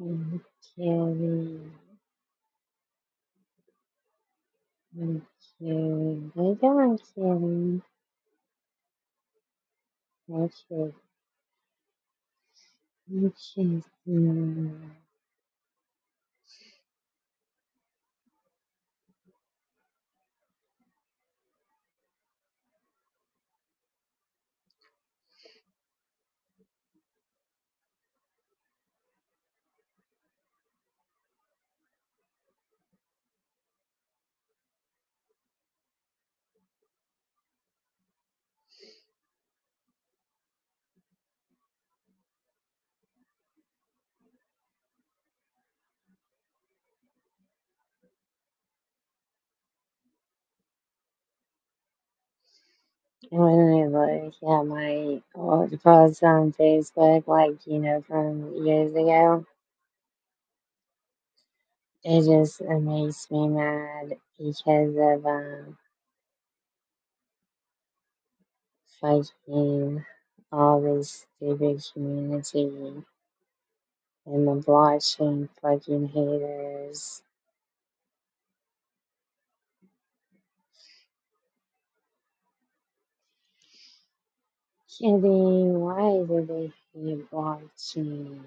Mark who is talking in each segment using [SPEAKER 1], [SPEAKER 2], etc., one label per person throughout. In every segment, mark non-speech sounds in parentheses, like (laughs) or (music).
[SPEAKER 1] I'm kidding. I'm kidding. I don't am kidding. I'm I'm um, When I look at my old posts on Facebook, like, you know, from years ago, it just it makes me mad because of, um, fucking all this stupid community and the blockchain fucking haters. Kitty, why is they keep watching?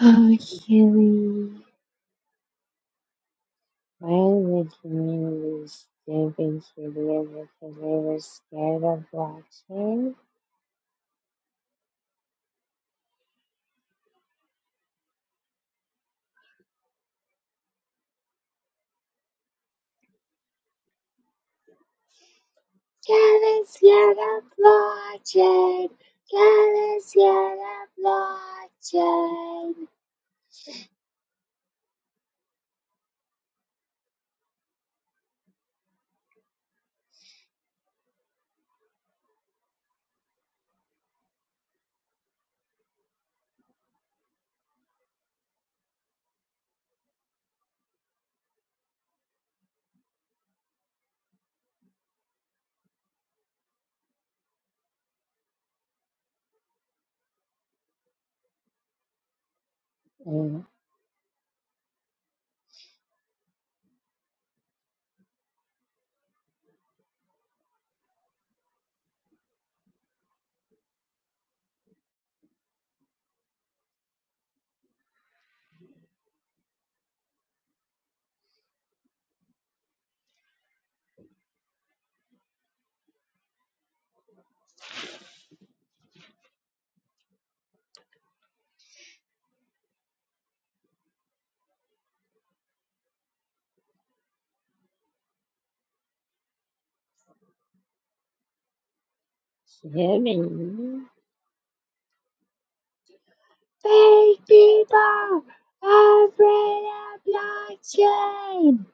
[SPEAKER 1] Oh, Kitty. Why is the community stupid kitty ever because they were scared of watching? And Kitty. Big people are afraid of blockchain!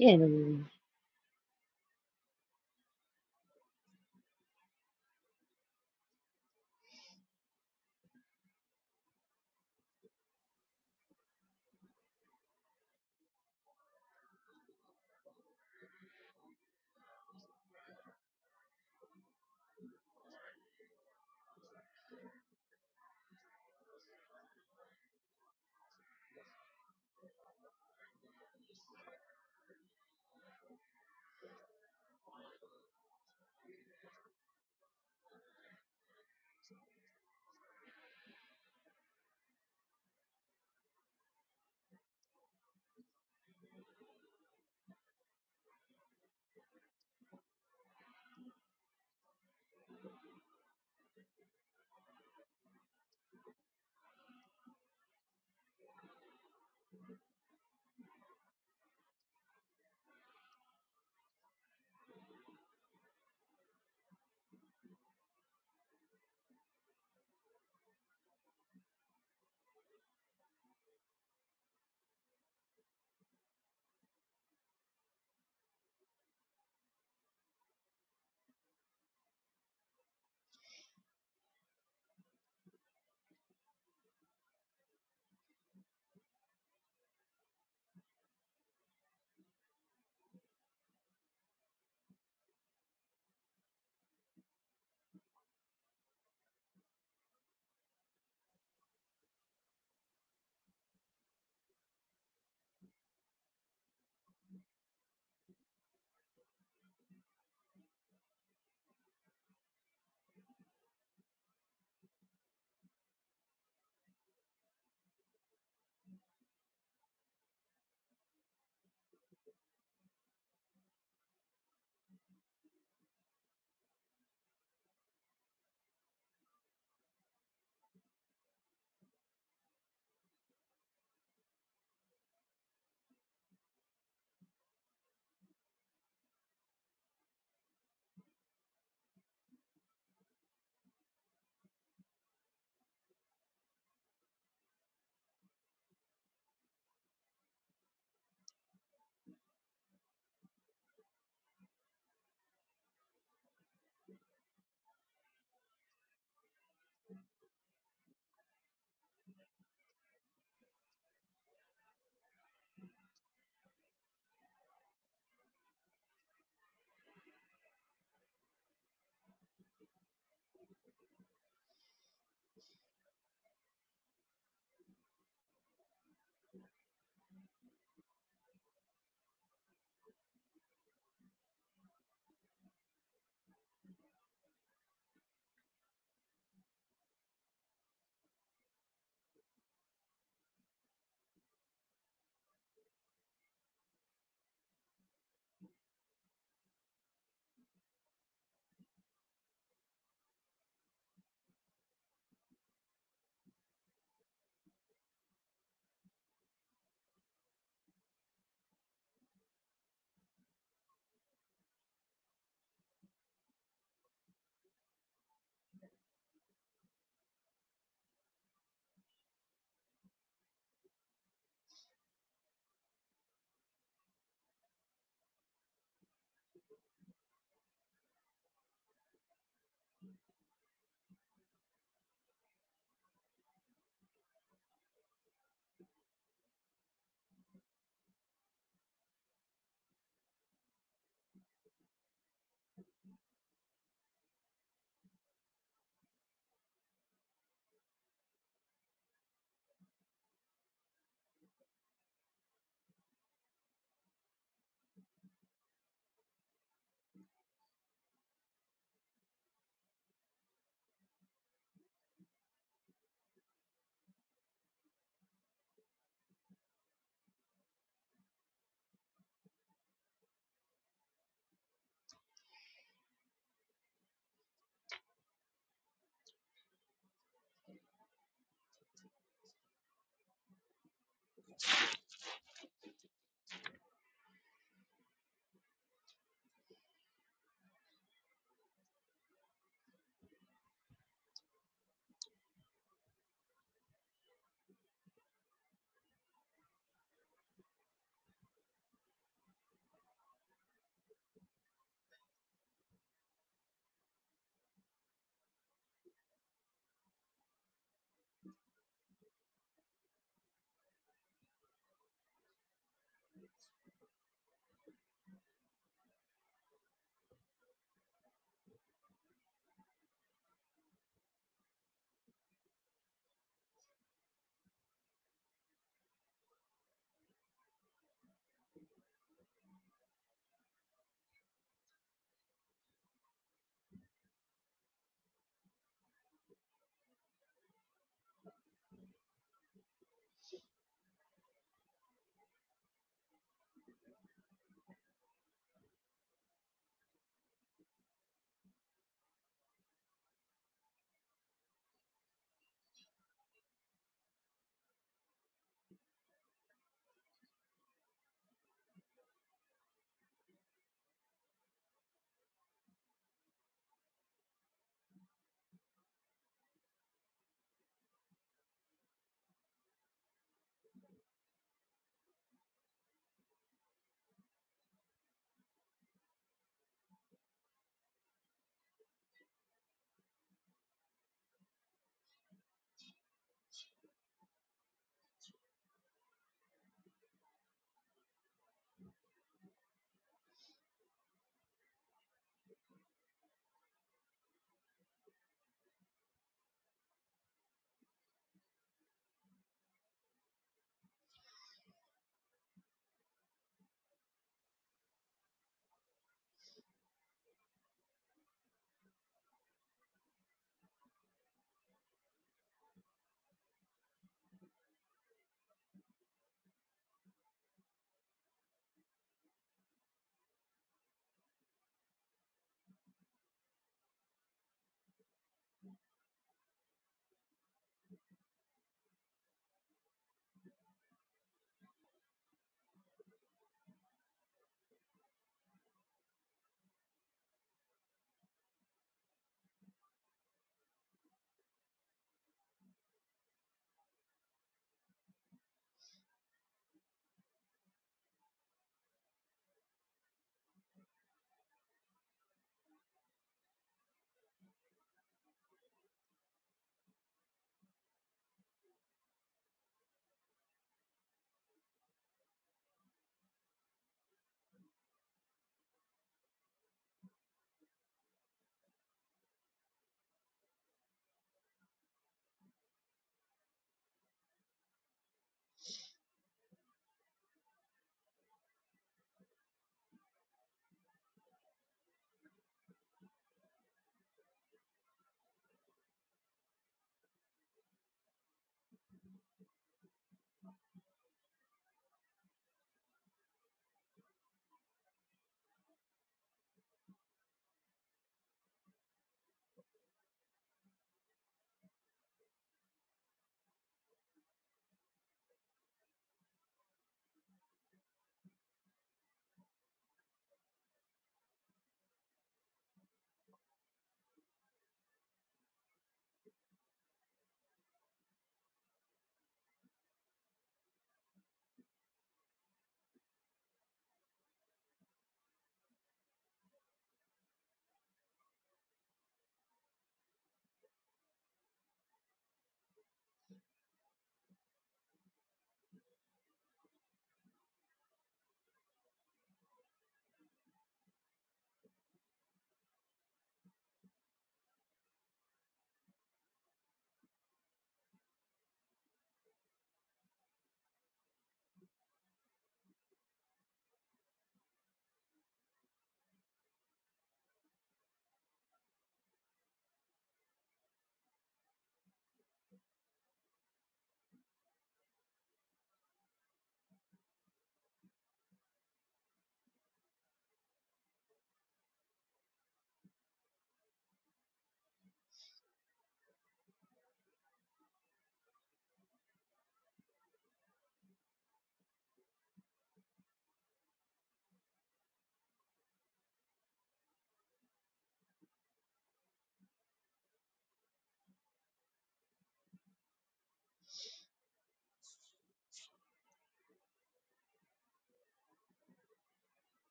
[SPEAKER 1] Kitty.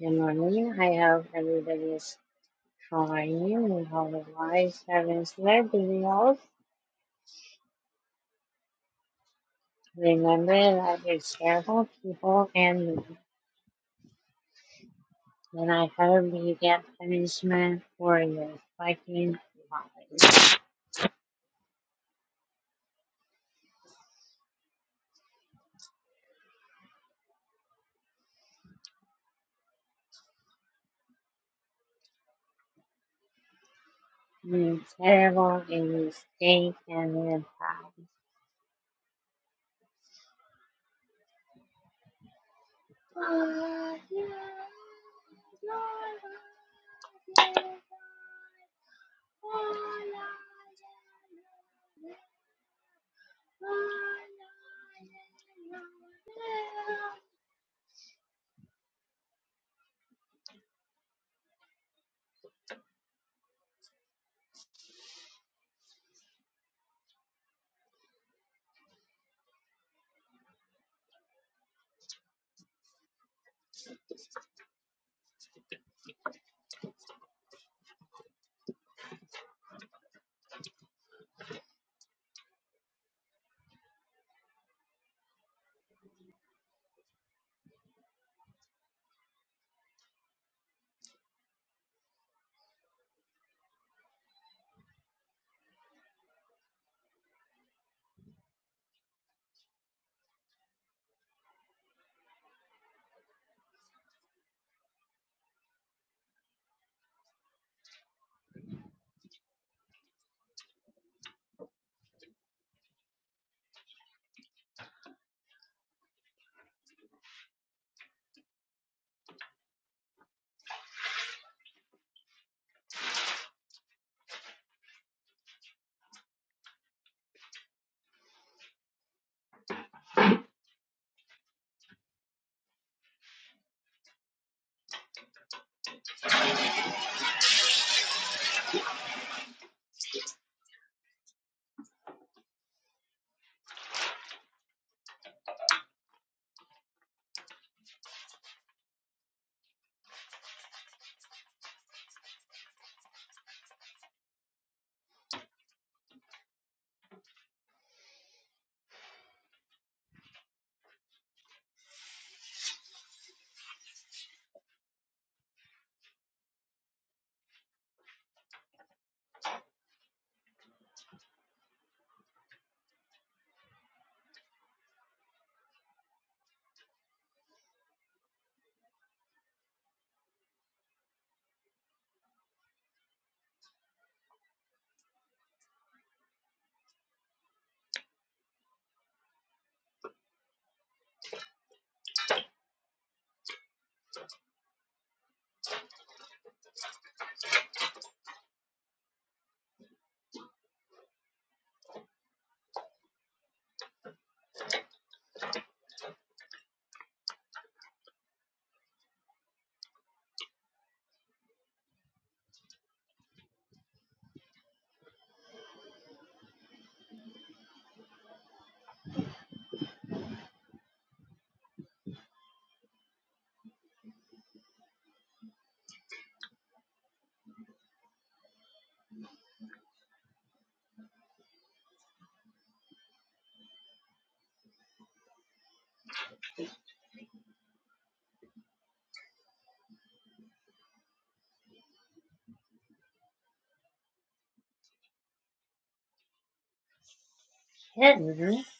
[SPEAKER 1] Good morning. I hope everybody is trying and all the lives haven't slept in all Remember that you're terrible people, and when I hope you get punishment for your fucking lies. You're terrible, and you stink, and you're proud. Kitten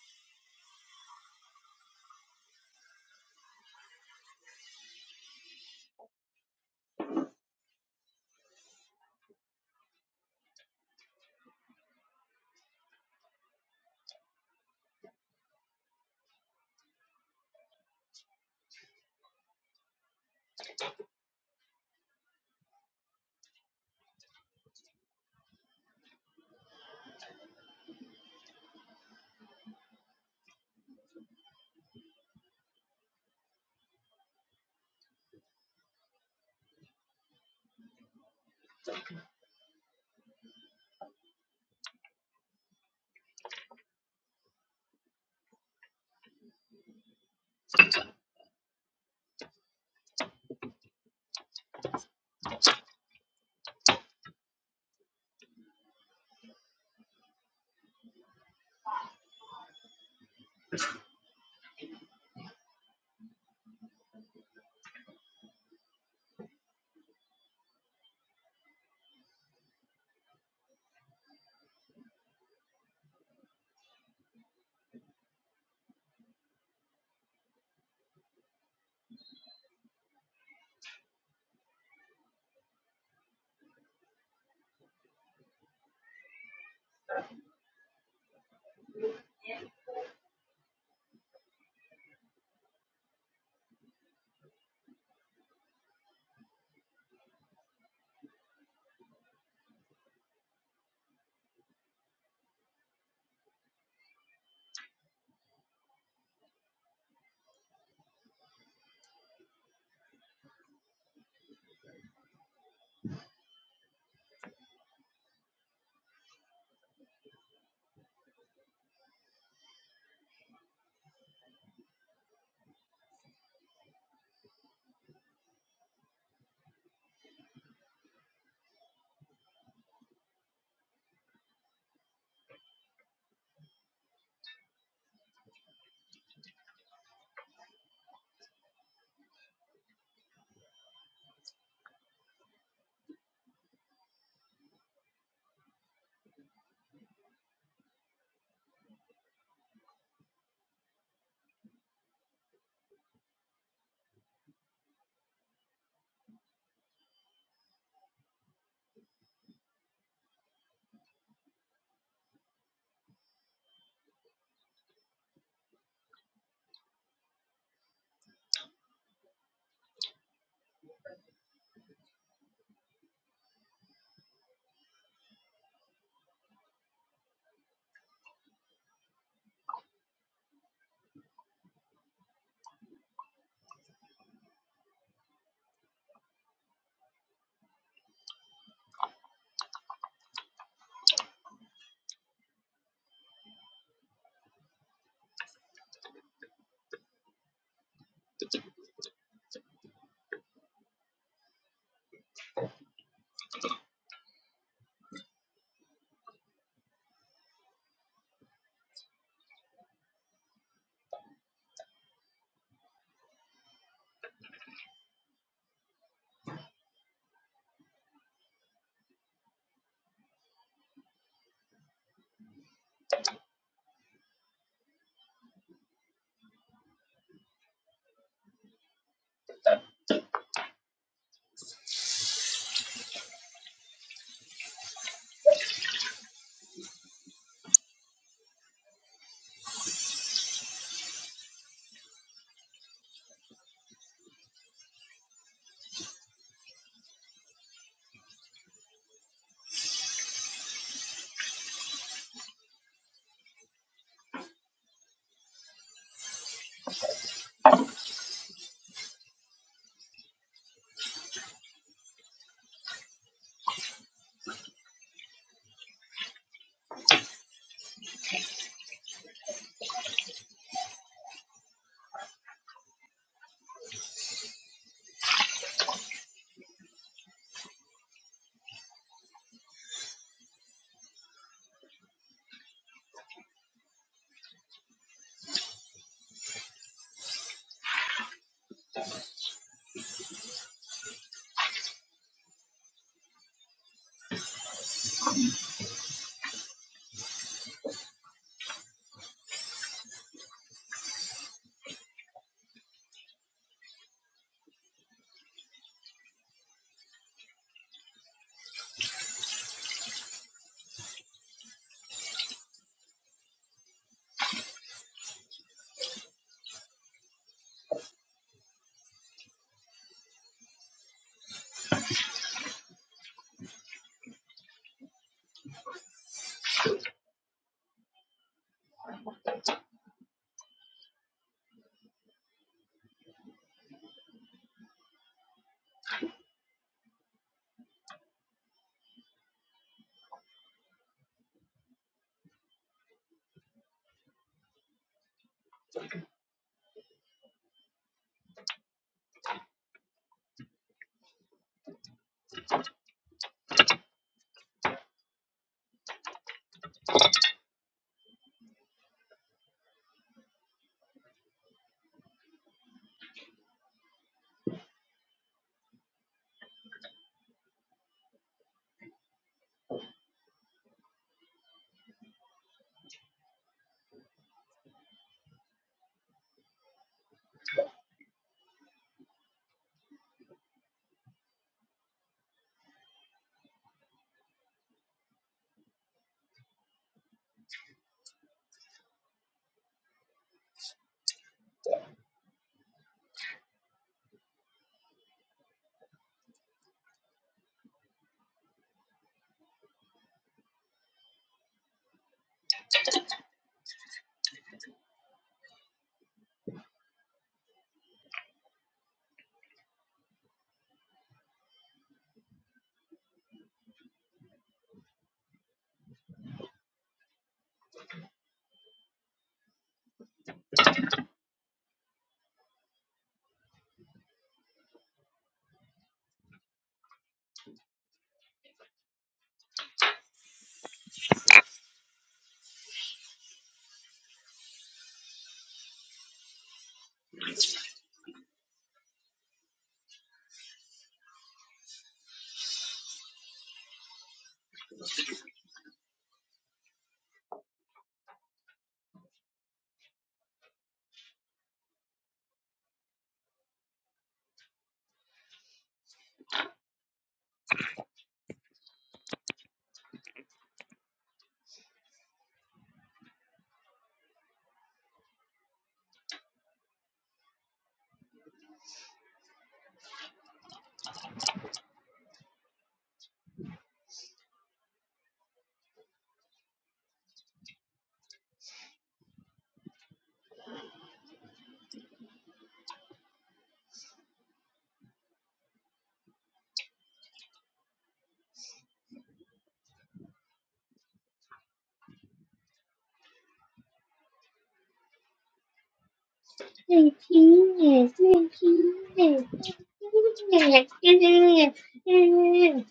[SPEAKER 1] (laughs)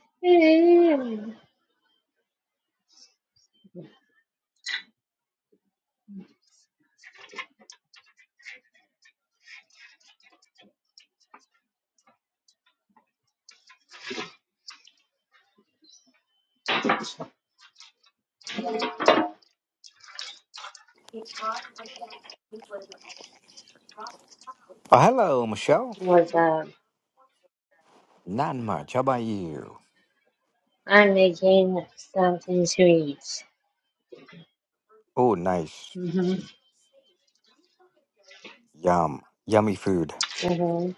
[SPEAKER 2] Oh, hello, Michelle.
[SPEAKER 1] What's up?
[SPEAKER 2] Not much. How about you?
[SPEAKER 1] I'm making something to eat.
[SPEAKER 2] Oh, nice.
[SPEAKER 1] Mm-hmm.
[SPEAKER 2] Yum. Yummy food.
[SPEAKER 1] Mm-hmm.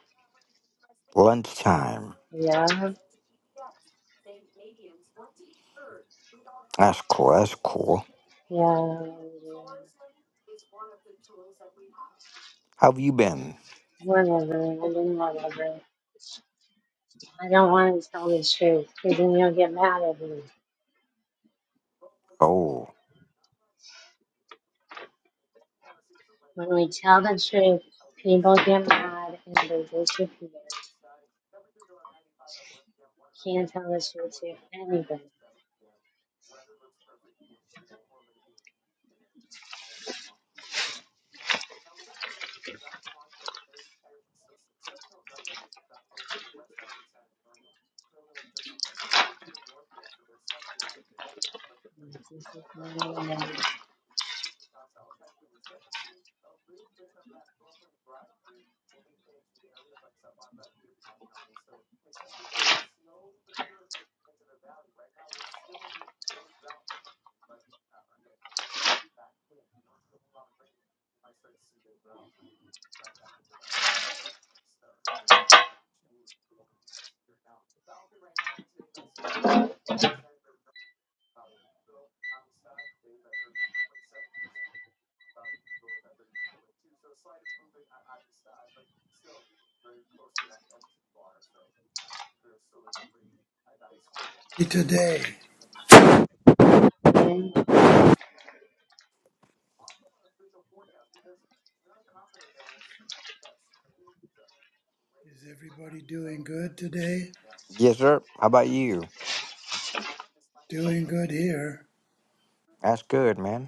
[SPEAKER 2] Lunchtime.
[SPEAKER 1] Yeah, yeah,
[SPEAKER 2] That's cool. That's cool.
[SPEAKER 1] yeah.
[SPEAKER 2] How have you been?
[SPEAKER 1] whatever, I mean, whatever. I don't want to tell the truth, because then you'll get mad at me.
[SPEAKER 2] Oh,
[SPEAKER 1] When we tell the truth, people get mad and they disappear. Can't tell the truth to anybody.
[SPEAKER 3] Hey, today.
[SPEAKER 1] Then
[SPEAKER 3] Is everybody doing good today?
[SPEAKER 2] yes, sir. How about you?
[SPEAKER 3] Doing good here.
[SPEAKER 2] That's good, man.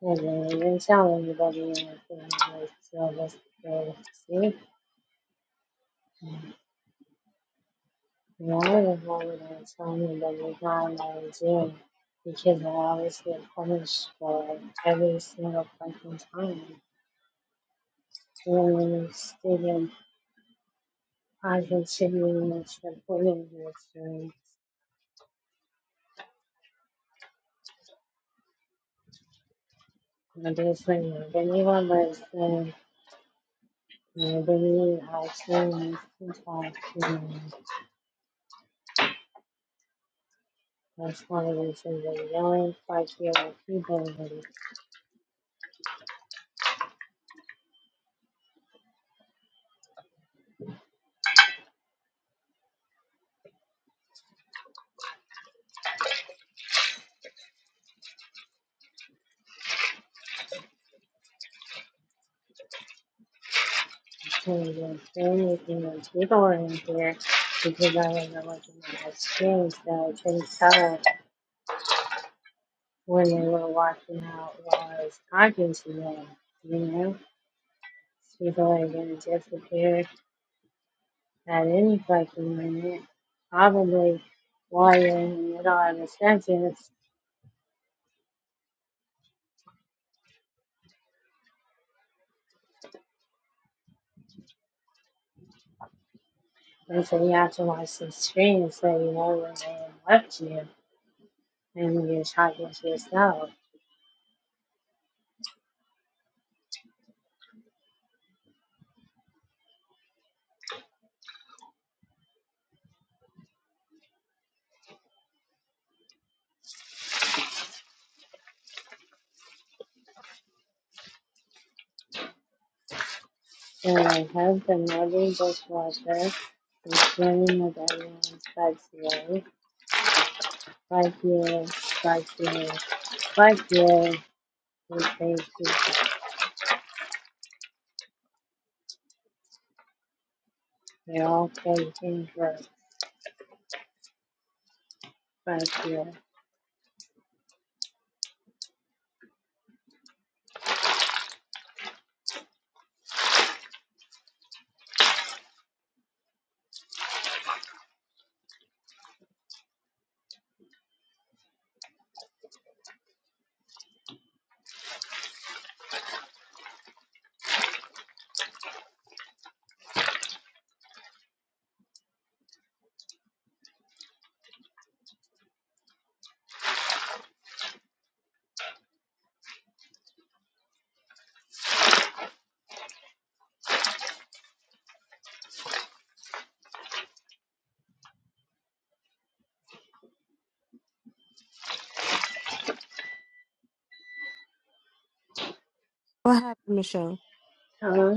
[SPEAKER 1] they don't even tell anybody anything. They still just go to sleep. Why the hell would I tell anybody how I'm doing? Because I always get punished for it every single fucking time. Doing stupid, I continuing to put in this room I do sing. Veniva Mersin, Veni Alsin, Sifaksin, Responding the things that Yelling, Fakir, People, Continue, Family, Demons, Legal in here, because I remember my experience that I couldn't tell when they were walking out while I was talking to them, you know? People are gonna disappear at any fucking minute, probably while you're in the middle of a sentence And so you have to watch the screen so you know when they left you and you're talking to yourself. And my husband never dishwasher is cleaning the bedroom like you, like you, like you, like you. We thank you. We're all thanking for like you.
[SPEAKER 4] What happened, Michelle?
[SPEAKER 1] Huh?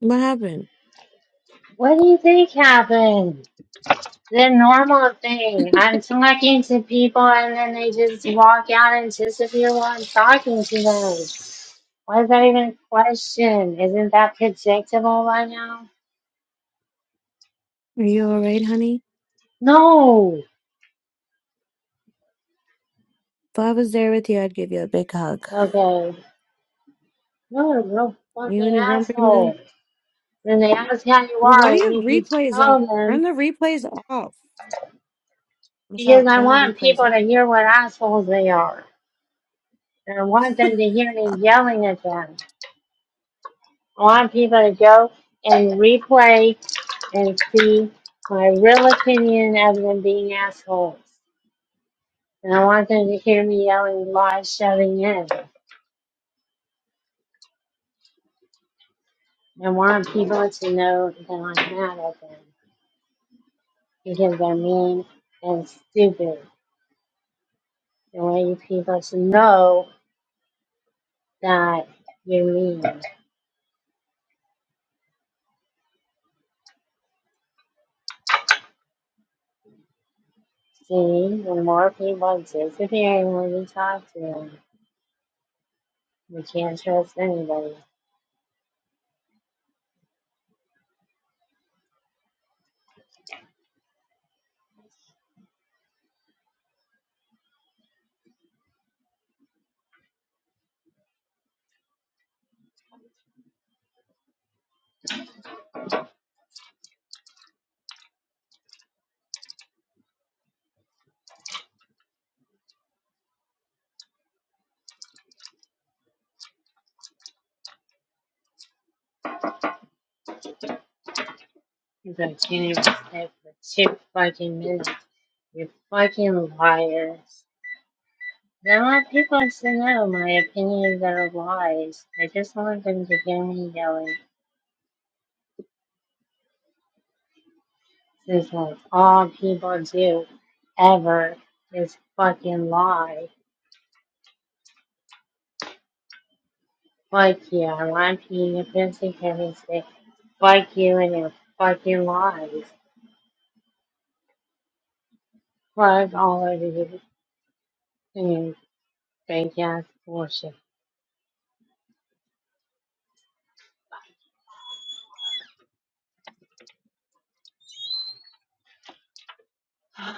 [SPEAKER 4] What happened?
[SPEAKER 1] What do you think happened? the normal thing. I'm talking to people and then they just walk out and disappear while I'm talking to them. Why is that even a question? Isn't that predictable by now?
[SPEAKER 4] Are you all right, honey?
[SPEAKER 1] No.
[SPEAKER 4] If I was there with you, I'd give you a big hug.
[SPEAKER 1] Okay. No, no
[SPEAKER 4] You in
[SPEAKER 1] fucking
[SPEAKER 4] a grumpy mood?
[SPEAKER 1] asshole. Then they ask how you
[SPEAKER 4] Well,
[SPEAKER 1] are,
[SPEAKER 4] why do you
[SPEAKER 1] and
[SPEAKER 4] have
[SPEAKER 1] if you
[SPEAKER 4] replays on?
[SPEAKER 1] tell them,
[SPEAKER 4] Turn the replays off. Michelle,
[SPEAKER 1] because I
[SPEAKER 4] turn the
[SPEAKER 1] want
[SPEAKER 4] replays
[SPEAKER 1] people to
[SPEAKER 4] off.
[SPEAKER 1] hear what assholes they are. And I want them to hear me yelling at them. I want people to go and replay and see my real opinion of them being assholes. And I want them to hear me yelling, lies shoving in. I want people to know that I'm mad at them because they're mean and stupid. I want you people to know that you're mean. See, the more people disappearing when you talk to them, you can't trust anybody. Because I can't even stay for two fucking minutes. You fucking liars. There are people to know my opinions are lies. I just want them to hear me yelling. This is what all people do ever is fucking lie. Fuck you, I want you, your pussy chemistry. Fuck you and your fucking lies. Fuck all of you and your fake ass bullshit. (sighs)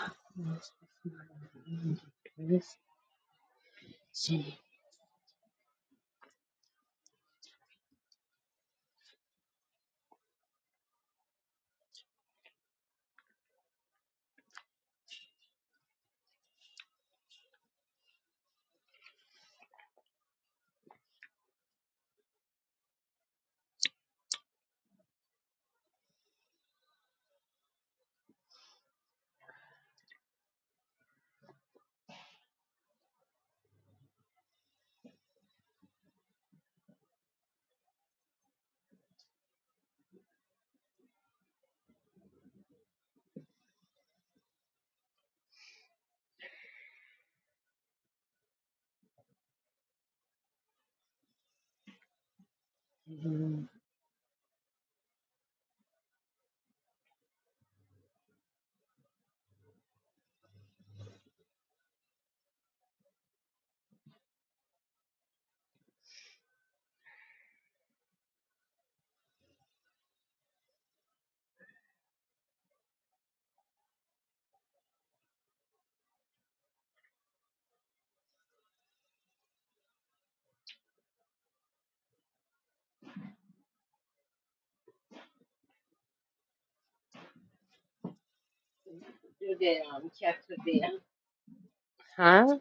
[SPEAKER 1] Huh?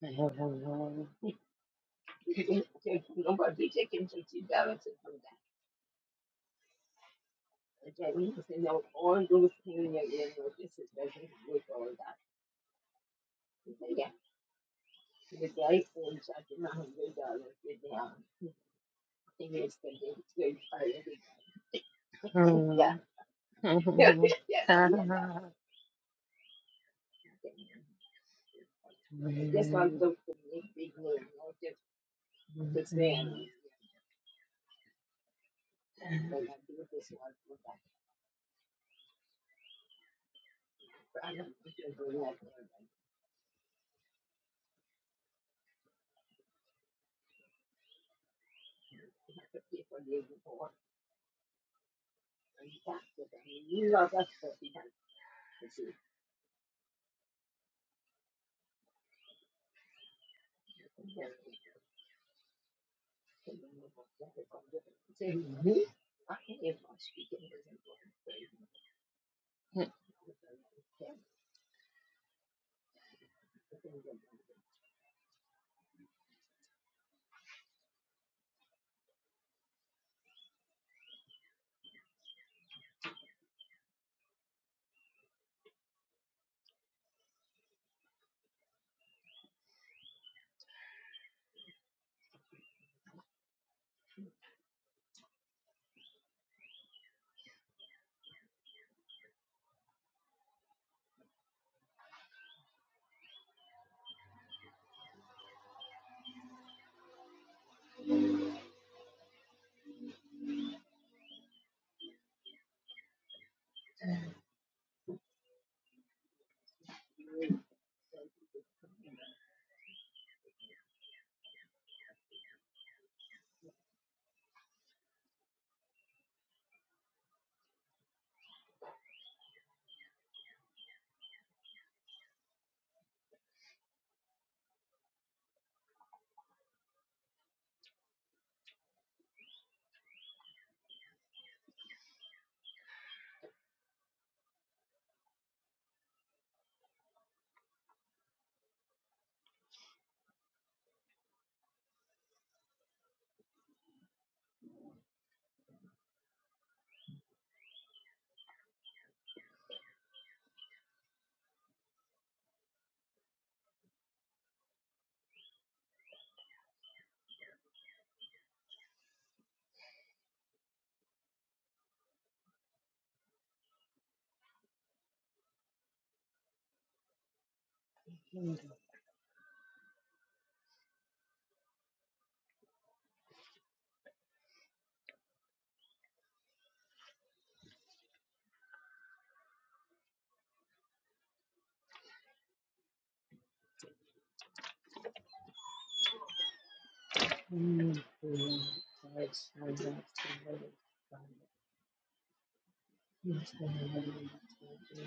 [SPEAKER 1] Yeah. (laughs) yeah, yeah, (laughs) that. You see how I tell you, it's people. You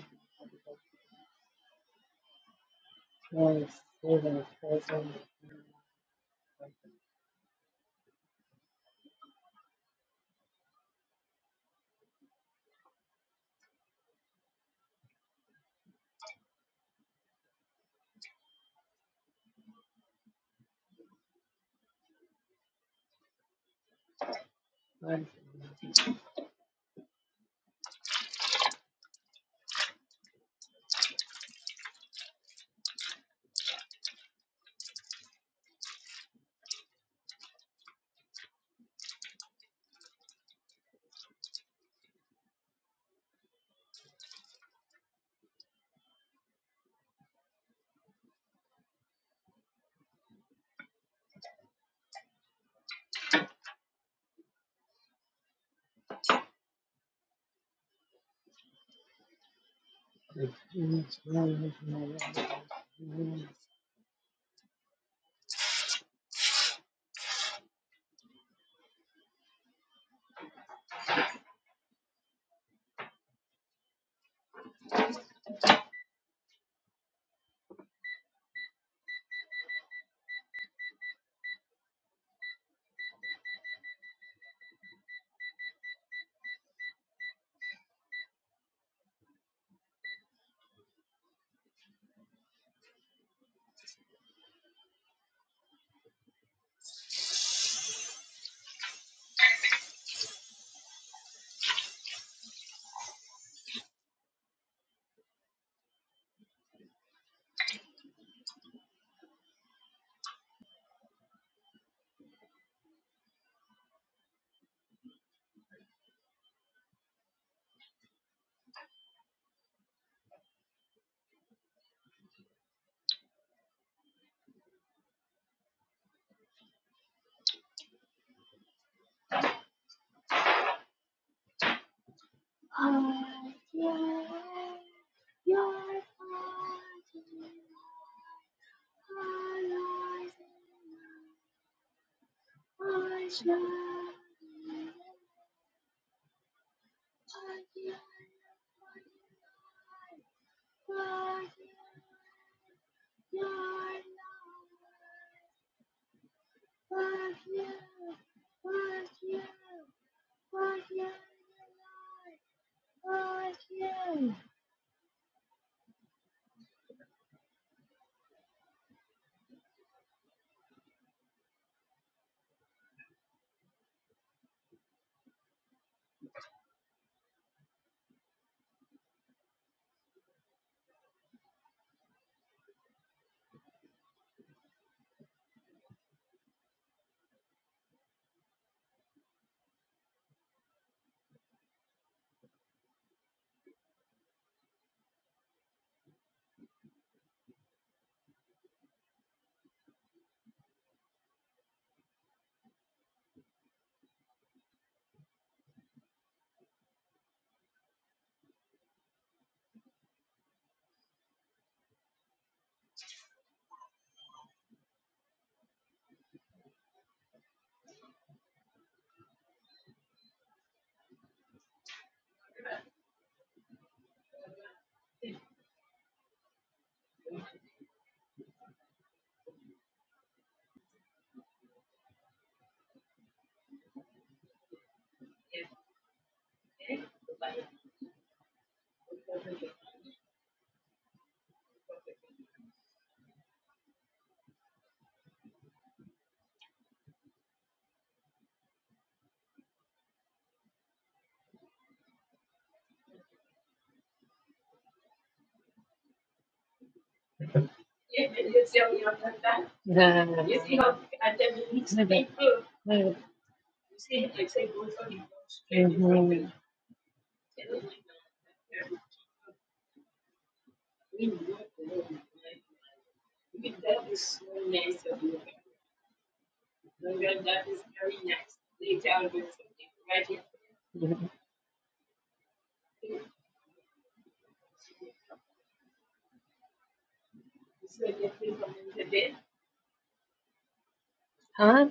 [SPEAKER 1] Huh?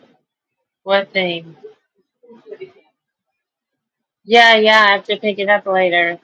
[SPEAKER 1] What thing? Yeah, yeah, I have to pick it up later.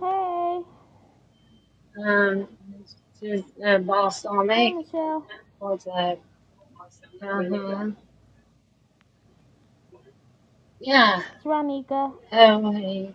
[SPEAKER 5] Hey,
[SPEAKER 1] Um, to uh,
[SPEAKER 5] hey
[SPEAKER 1] balsamic.
[SPEAKER 5] Michelle,
[SPEAKER 1] What's that? Uh-huh. Yeah.
[SPEAKER 5] it's Ronika.
[SPEAKER 1] Oh, hey.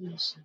[SPEAKER 1] Yes,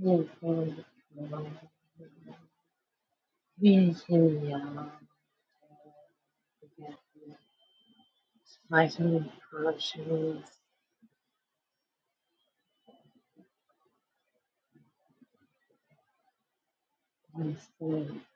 [SPEAKER 1] uh, My phone,